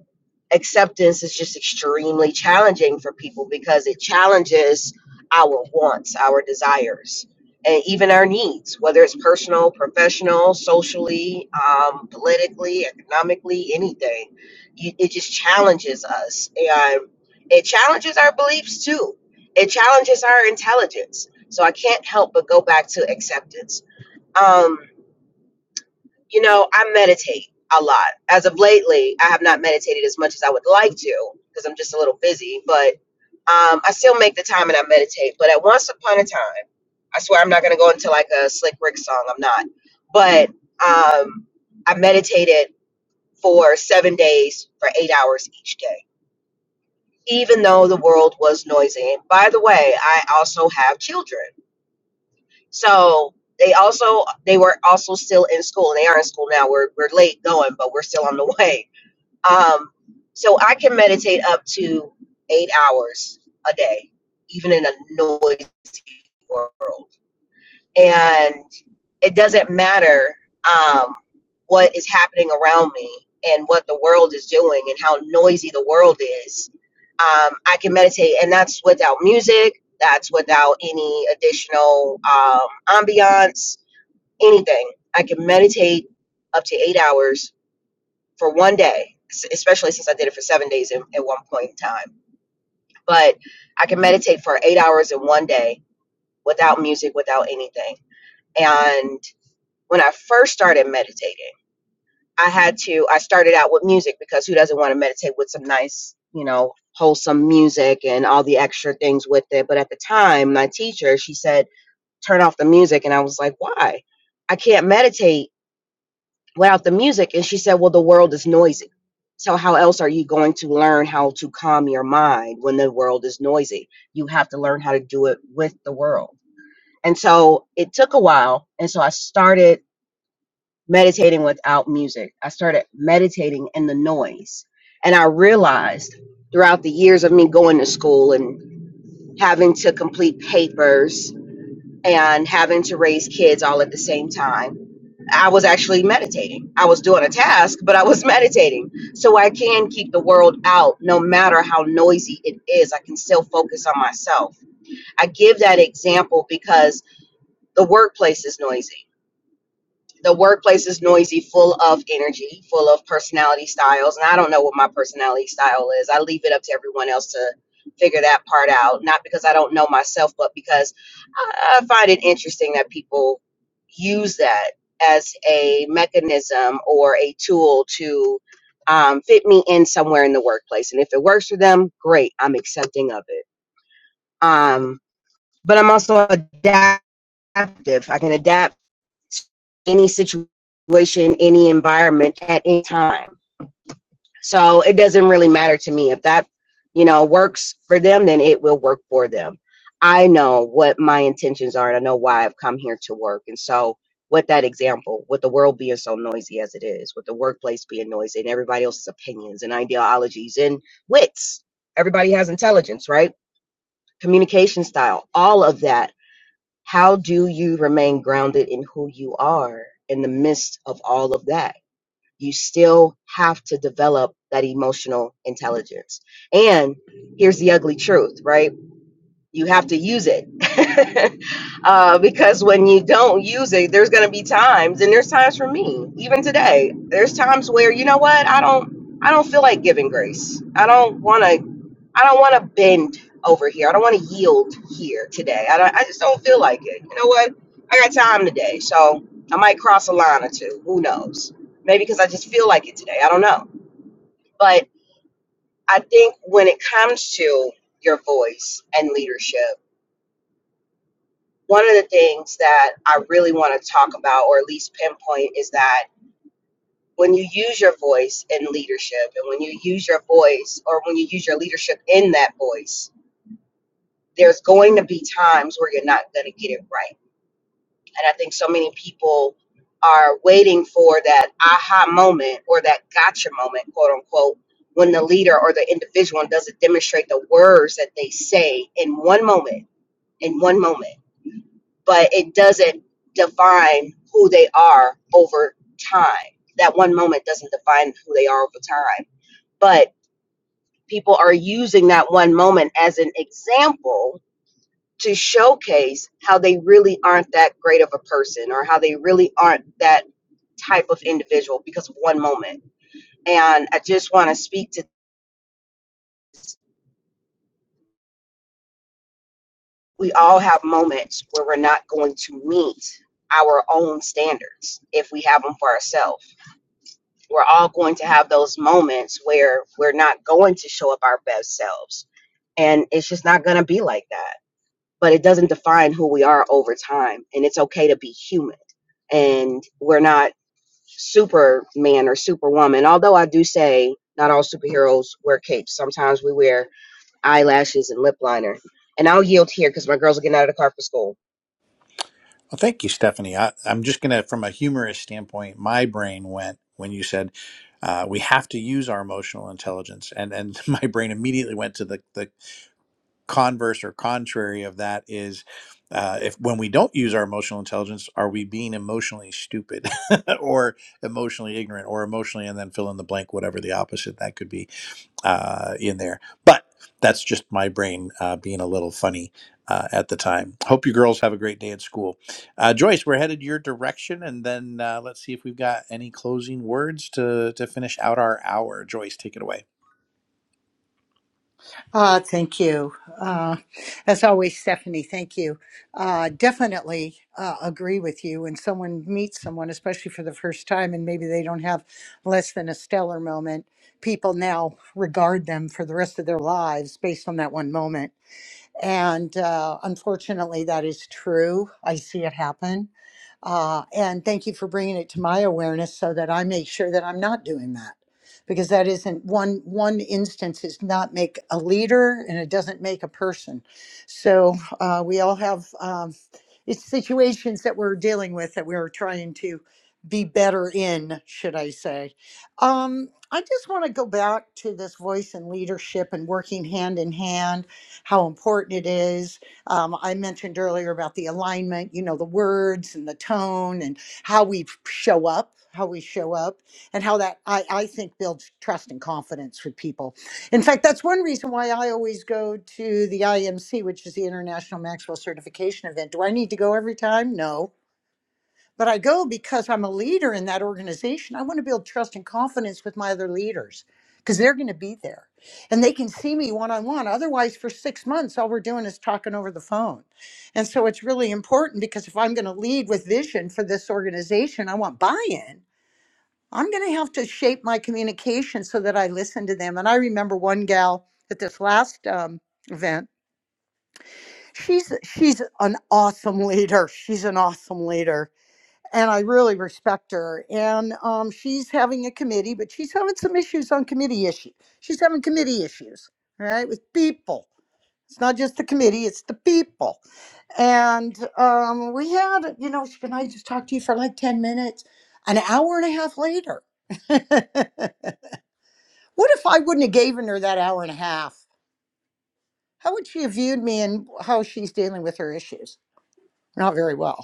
acceptance is just extremely challenging for people because it challenges our wants, our desires, and even our needs, whether it's personal, professional, socially, um, politically, economically, anything. You- It just challenges us. And it challenges our beliefs too. It challenges our intelligence. So I can't help but go back to acceptance. Um, you know, I meditate a lot. As of lately, I have not meditated as much as I would like to because I'm just a little busy, but um, I still make the time and I meditate. But at once upon a time, I swear I'm not going to go into like a Slick Rick song. I'm not. But um, I meditated for seven days for eight hours each day, even though the world was noisy. And by the way, I also have children. So they also they were also still in school. and They are in school now. We're we're late going, but we're still on the (laughs) way. Um, so I can meditate up to eight hours a day, even in a noisy world. And it doesn't matter um, what is happening around me and what the world is doing and how noisy the world is. Um, I can meditate, and that's without music. That's without any additional um, ambiance anything. I can meditate up to eight hours for one day, s- especially since I did it for seven days in, at one point in time. But I can meditate for eight hours in one day without music, without anything. And when I first started meditating, I had to, I started out with music because who doesn't want to meditate with some nice, you know, wholesome music and all the extra things with it. But at the time, my teacher, she said, turn off the music. And I was like, why? I can't meditate without the music and she said well the world is noisy so how else are you going to learn how to calm your mind when the world is noisy you have to learn how to do it with the world and so it took a while and so i started meditating without music i started meditating in the noise and i realized throughout the years of me going to school and having to complete papers and having to raise kids all at the same time. I was actually meditating. I was doing a task, but I was (laughs) meditating. So I can keep the world out no matter how noisy it is. I can still focus on myself. I give that example because the workplace is noisy the workplace is noisy, full of energy, full of personality styles. And I don't know what my personality style is. I leave it up to everyone else to figure that part out. Not because I don't know myself, but because I I find it interesting that people use that as a mechanism or a tool to um, fit me in somewhere in the workplace. And if it works for them, great. I'm accepting of it. Um, but I'm also adaptive. I can adapt any situation, any environment at any time. So it doesn't really matter to me if that, you know, works for them, then it will work for them. I know what my intentions are and I know why I've come here to work. And so with that example, with the world being so noisy as it is, with the workplace being noisy and everybody else's opinions and ideologies and wits, everybody has intelligence, right? Communication style, all of that how do you remain grounded in who you are in the midst of all of that? You still have to develop that emotional intelligence. And here's the ugly truth, right? You have to use it. (laughs) uh, because when you don't use it, there's going to be times, and there's times for me, even today, there's times where, you know what, I don't. I don't feel like giving grace. I don't want to I don't want to bend over here. I don't want to yield here today. I, don't, I just don't feel like it. You know what? I got time today, so I might cross a line or two. Who knows? Maybe because I just feel like it today. I don't know. But I think when it comes to your voice and leadership, one of the things that I really want to talk about, or at least pinpoint, is that when you use your voice in leadership and when you use your voice or when you use your leadership in that voice, there's going to be times where you're not going to get it right. And I think so many people are waiting for that aha moment or that gotcha moment, quote unquote, when the leader or the individual doesn't demonstrate the words that they say in one moment, in one moment, but it doesn't define who they are over time. That one moment doesn't define who they are over time. But people are using that one moment as an example to showcase how they really aren't that great of a person or how they really aren't that type of individual because of one moment. And I just want to speak to we all have moments where we're not going to meet our own standards if we have them for ourselves. We're all going to have those moments where we're not going to show up our best selves. And it's just not going to be like that. But it doesn't define who we are over time. And it's okay to be human and we're not superman or superwoman. Although I do say not all superheroes wear capes. Sometimes we wear eyelashes and lip liner. And I'll yield here because my girls are getting out of the car for school.
Well, thank you, Stephanie. I, I'm just going to, from a humorous standpoint, my brain went when you said uh, we have to use our emotional intelligence, and and (laughs) my brain immediately went to the, the converse or contrary of that is uh, if when we don't use our emotional intelligence are we being emotionally stupid (laughs) or emotionally ignorant or emotionally and then fill in the blank whatever the opposite that could be uh, in there but that's just my brain uh, being a little funny uh, at the time hope you girls have a great day at school uh, joyce we're headed your direction and then uh, let's see if we've got any closing words to to finish out our hour joyce take it away
Uh, thank you. Uh, as always, Stephanie, thank you. Uh, definitely uh, agree with you. When someone meets someone, especially for the first time, and maybe they don't have less than a stellar moment, people now regard them for the rest of their lives based on that one moment. And uh, unfortunately, that is true. I see it happen. Uh, and thank you for bringing it to my awareness so that I make sure that I'm not doing that. Because that isn't one one instance is not make a leader and it doesn't make a person. So uh, we all have um, it's situations that we're dealing with that we're trying to be better in, should I say? Um, I just want to go back to this voice and leadership and working hand in hand how important it is. Um, I mentioned earlier about the alignment, you know, the words and the tone and how we show up, how we show up, and how that I, I think builds trust and confidence with people. In fact, that's one reason why I always go to the IMC, which is the International Maxwell Certification event. Do I need to go every time? No but I go because I'm a leader in that organization. I want to build trust and confidence with my other leaders because they're going to be there and they can see me one on one. Otherwise, for six months, all we're doing is talking over the phone. And so it's really important because if I'm going to lead with vision for this organization, I want buy in. I'm going to have to shape my communication so that I listen to them. And I remember one gal at this last um, event. She's she's an awesome leader. She's an awesome leader and I really respect her. And um, she's having a committee, but she's having some issues on committee issue. She's having committee issues, right, with people. It's not just the committee; it's the people. And um, we had, you know, she can I just talk to you for like ten minutes? An hour and a half later. (laughs) what if I wouldn't have given her that hour and a half? How would she have viewed me and how she's dealing with her issues? Not very well.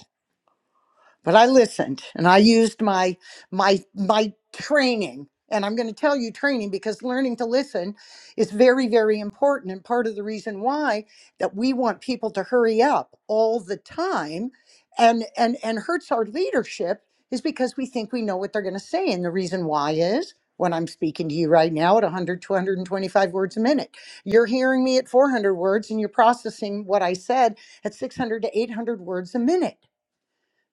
but I listened and I used my my my training and I'm going to tell you training because learning to listen is very very important and part of the reason why that we want people to hurry up all the time and and and hurts our leadership is because we think we know what they're going to say and the reason why is when I'm speaking to you right now at 100 to words a minute you're hearing me at 400 words and you're processing what I said at 600 to 800 words a minute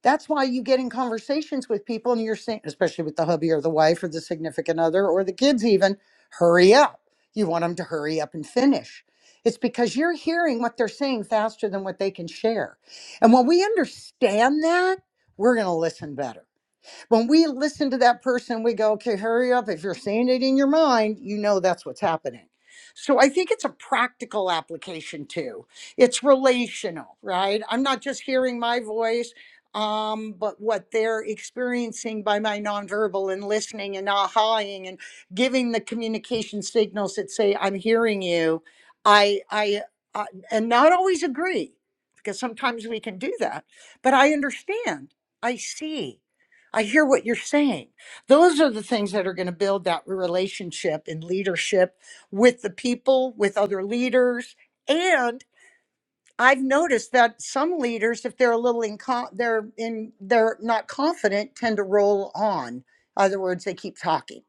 that's why you get in conversations with people and you're saying, especially with the hubby or the wife or the significant other or the kids, even, hurry up. You want them to hurry up and finish. It's because you're hearing what they're saying faster than what they can share. And when we understand that, we're going to listen better. When we listen to that person, we go, okay, hurry up. If you're saying it in your mind, you know that's what's happening. So I think it's a practical application too. It's relational, right? I'm not just hearing my voice, um, but what they're experiencing by my nonverbal and listening and ahaing and giving the communication signals that say, I'm hearing you. I, I, uh, and not always agree because sometimes we can do that, but I understand. I see. I hear what you're saying. Those are the things that are going to build that relationship and leadership with the people, with other leaders, and. I've noticed that some leaders, if they're a little incom, they're in, they're not confident, tend to roll on. In Other words, they keep talking.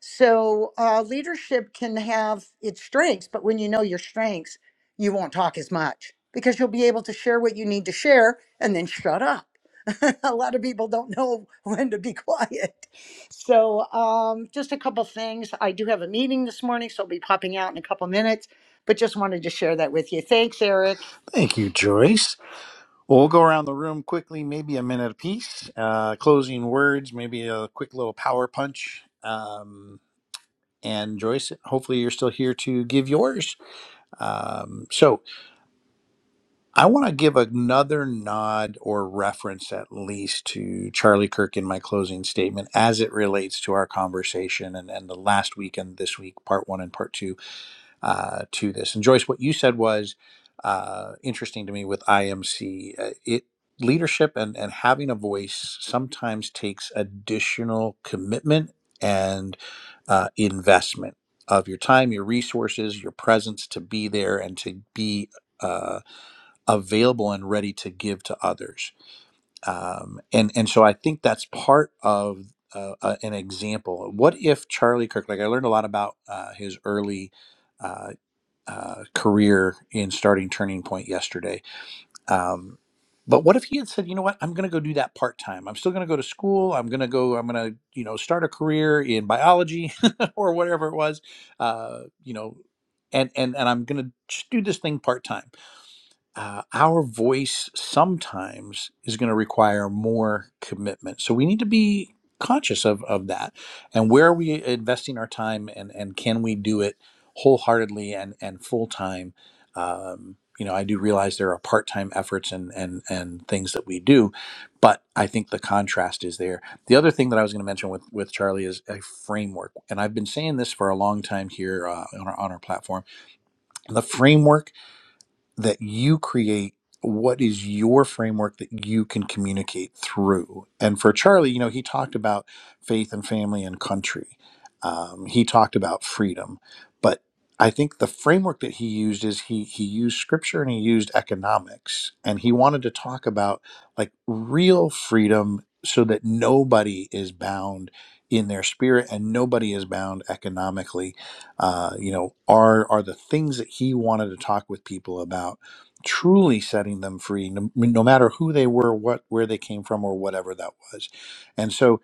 So uh, leadership can have its strengths, but when you know your strengths, you won't talk as much because you'll be able to share what you need to share and then shut up. (laughs) a lot of people don't know (laughs) when to be quiet. So, um, just a couple things. I do have a meeting this morning, so I'll be popping out in a couple minutes, but just wanted to share that with you. Thanks, Eric.
Thank you, Joyce. Well, we'll go around the room quickly, maybe a minute apiece. Uh, closing words, maybe a quick little power punch. Um, and Joyce, hopefully you're still here to give yours. Um, so I want to give another nod or reference, at least, to Charlie Kirk in my closing statement as it relates to our conversation and, and the last week and this week, part one and part two uh, to this. And Joyce, what you said was uh, interesting to me with IMC. Uh, it leadership and and having a voice sometimes takes additional commitment and uh, investment of your time, your resources, your presence to be there and to be. Uh, available and ready to give to others, um, and and so I think that's part of uh, uh, an example. What if Charlie Kirk? Like I learned a lot about uh, his early uh, uh, career in starting Turning Point yesterday. Um, but what if he had said, you know what, I'm going to go do that part time. I'm still going to go to school. I'm going to go. I'm going to you know start a career in biology (laughs) or whatever it was. Uh, you know, and and and I'm going to just do this thing part time uh, our voice sometimes is going to require more commitment. So we need to be conscious of, of that. And where are we investing our time and, and can we do it wholeheartedly and, and full time? Um, you know, I do realize there are part time efforts and, and, and things that we do, but I think the contrast is there. The other thing that I was going to mention with, with Charlie is a framework. And I've been saying this for a long time here uh, on, our, on our platform. The framework that you create what is your framework that you can communicate through and for charlie you know he talked about faith and family and country um, he talked about freedom but i think the framework that he used is he he used scripture and he used economics and he wanted to talk about like real freedom so that nobody is bound in their spirit and nobody is bound economically uh, you know are are the things that he wanted to talk with people about truly setting them free no, no matter who they were what where they came from or whatever that was and so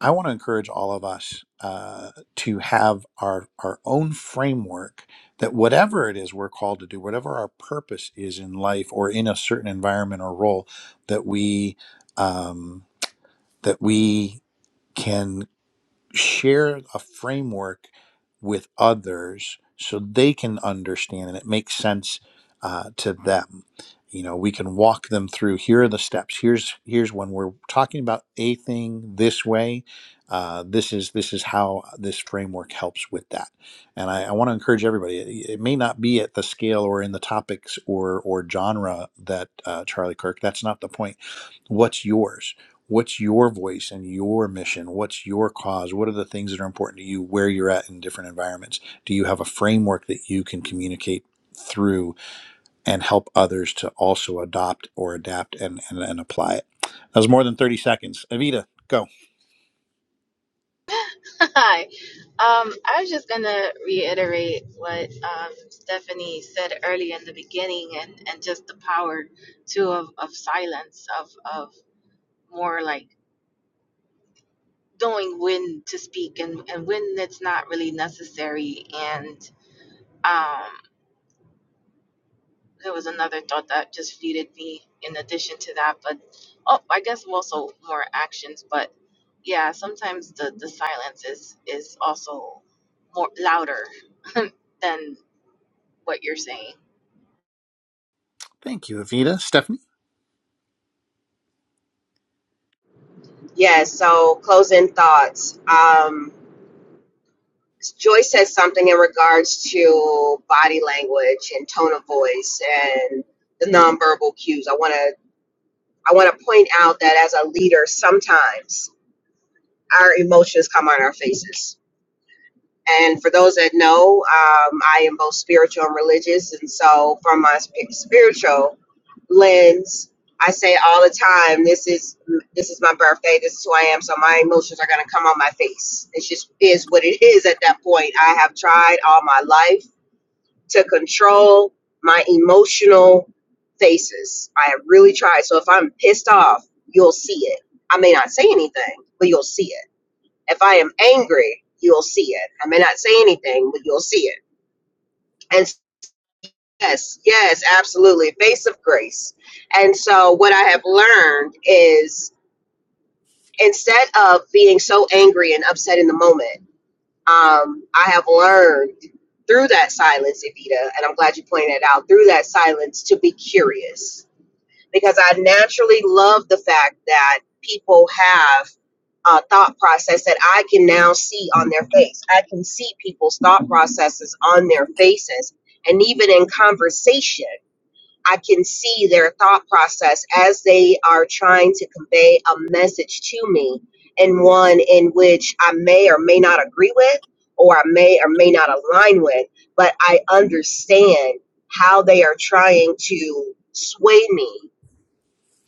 i want to encourage all of us uh, to have our our own framework that whatever it is we're called to do whatever our purpose is in life or in a certain environment or role that we um, that we can share a framework with others so they can understand and it makes sense uh, to them you know we can walk them through here are the steps here's here's when we're talking about a thing this way uh, this is this is how this framework helps with that and i, I want to encourage everybody it, it may not be at the scale or in the topics or or genre that uh, charlie kirk that's not the point what's yours what's your voice and your mission what's your cause what are the things that are important to you where you're at in different environments do you have a framework that you can communicate through and help others to also adopt or adapt and and, and apply it that was more than 30 seconds Evita, go
Hi. Um, I was just going to reiterate what um, Stephanie said early in the beginning and, and just the power, too, of, of silence, of, of more like knowing when to speak and, and when it's not really necessary. And um, there was another thought that just feeded me in addition to that. But oh, I guess also more actions. But yeah, sometimes the, the silence is, is also more louder (laughs) than what you're saying.
thank you Evita. stephanie
Yes. so closing thoughts. Um, Joyce said something in regards to body language and tone of voice and the nonverbal cues. I want to I want to point out that as a leader, sometimes our emotions come on our faces And for those that know, um, I am both spiritual and religious. And so, from my sp- spiritual lens, I say all the time, "This is this is my birthday. This is who I am. So my emotions are going to come on my face. It just is what it is at that point. I have tried all my life to control my emotional faces. I have really tried. So if I'm pissed off, you'll see it. I may not say anything, but you'll see it if I am angry, you'll see it. I may not say anything, but you'll see it. And yes, yes, absolutely. Face of grace. And so what I have learned is instead of being so angry and upset in the moment, um, I have learned through that silence, Evita, and I'm glad you pointed it out, through that silence to be curious because I naturally love the fact that people have uh, thought process that I can now see on their face. I can see people's thought processes on their faces. And even in conversation, I can see their thought process as they are trying to convey a message to me, and one in which I may or may not agree with, or I may or may not align with, but I understand how they are trying to sway me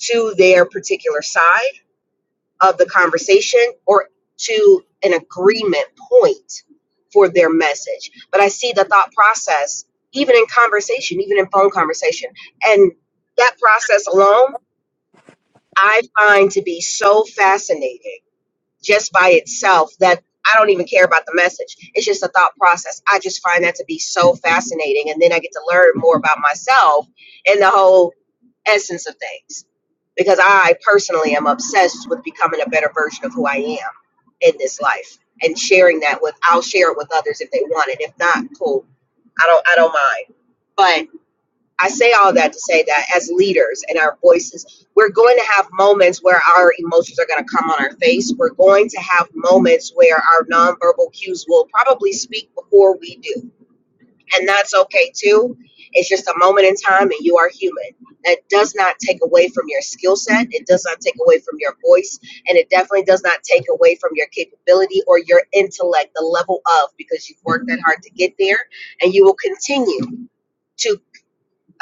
to their particular side of the conversation or to an agreement point for their message. But I see the thought process, even in conversation, even in phone conversation. And that process alone, I find to be so fascinating just by itself that I don't even care about the message. It's just a thought process. I just find that to be so fascinating. And then I get to learn more about myself and the whole essence of things because I personally am obsessed with becoming a better version of who I am in this life and sharing that with I'll share it with others if they want it. If not, cool. I don't I don't mind. But I say all that to say that as leaders and our voices, we're going to have moments where our emotions are going to come on our face. We're going to have moments where our nonverbal cues will probably speak before we do and that's okay too. It's just a moment in time, and you are human. That does not take away from your skill set. It does not take away from your voice, and it definitely does not take away from your capability or your intellect, the level of, because you've worked that hard to get there, and you will continue to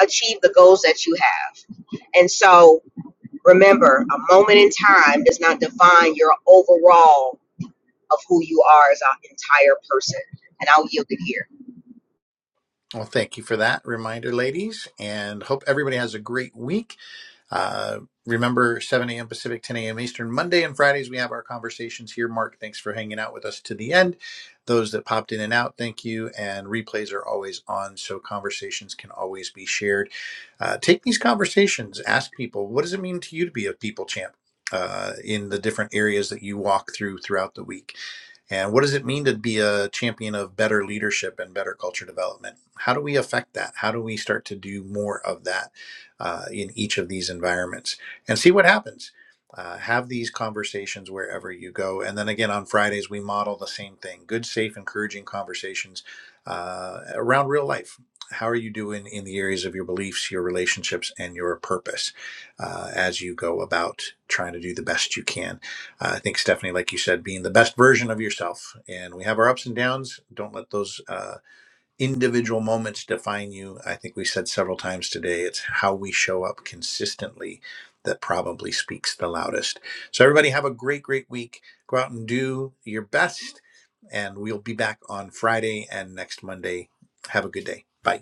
achieve the goals that you have. And so, remember, a moment in time does not define your overall of who you are as an entire person. And I'll yield it here.
well thank you for that reminder ladies and hope everybody has a great week Uh, remember, 7 a.m. Pacific, 10 a.m. Eastern. Monday and Fridays, we have our conversations here. Mark, thanks for hanging out with us to the end. Those that popped in and out, thank you. And replays are always on, so conversations can always be shared. Uh, take these conversations, ask people, what does it mean to you to be a people champ? Uh, in the different areas that you walk through throughout the week and what does it mean to be a champion of better leadership and better culture development? How do we affect that? How do we start to do more of that uh, in each of these environments and see what happens? Uh, have these conversations wherever you go. And then again, on Fridays, we model the same thing good, safe, encouraging conversations uh, around real life. How are you doing in the areas of your beliefs, your relationships, and your purpose uh, as you go about trying to do the best you can? Uh, I think Stephanie, like you said, being the best version of yourself. And we have our ups and downs. Don't let those uh, individual moments define you. I think we said several times today it's how we show up consistently that probably speaks the loudest. So, everybody, have a great, great week. Go out and do your best. And we'll be back on Friday and next Monday. Have a good day. Bye.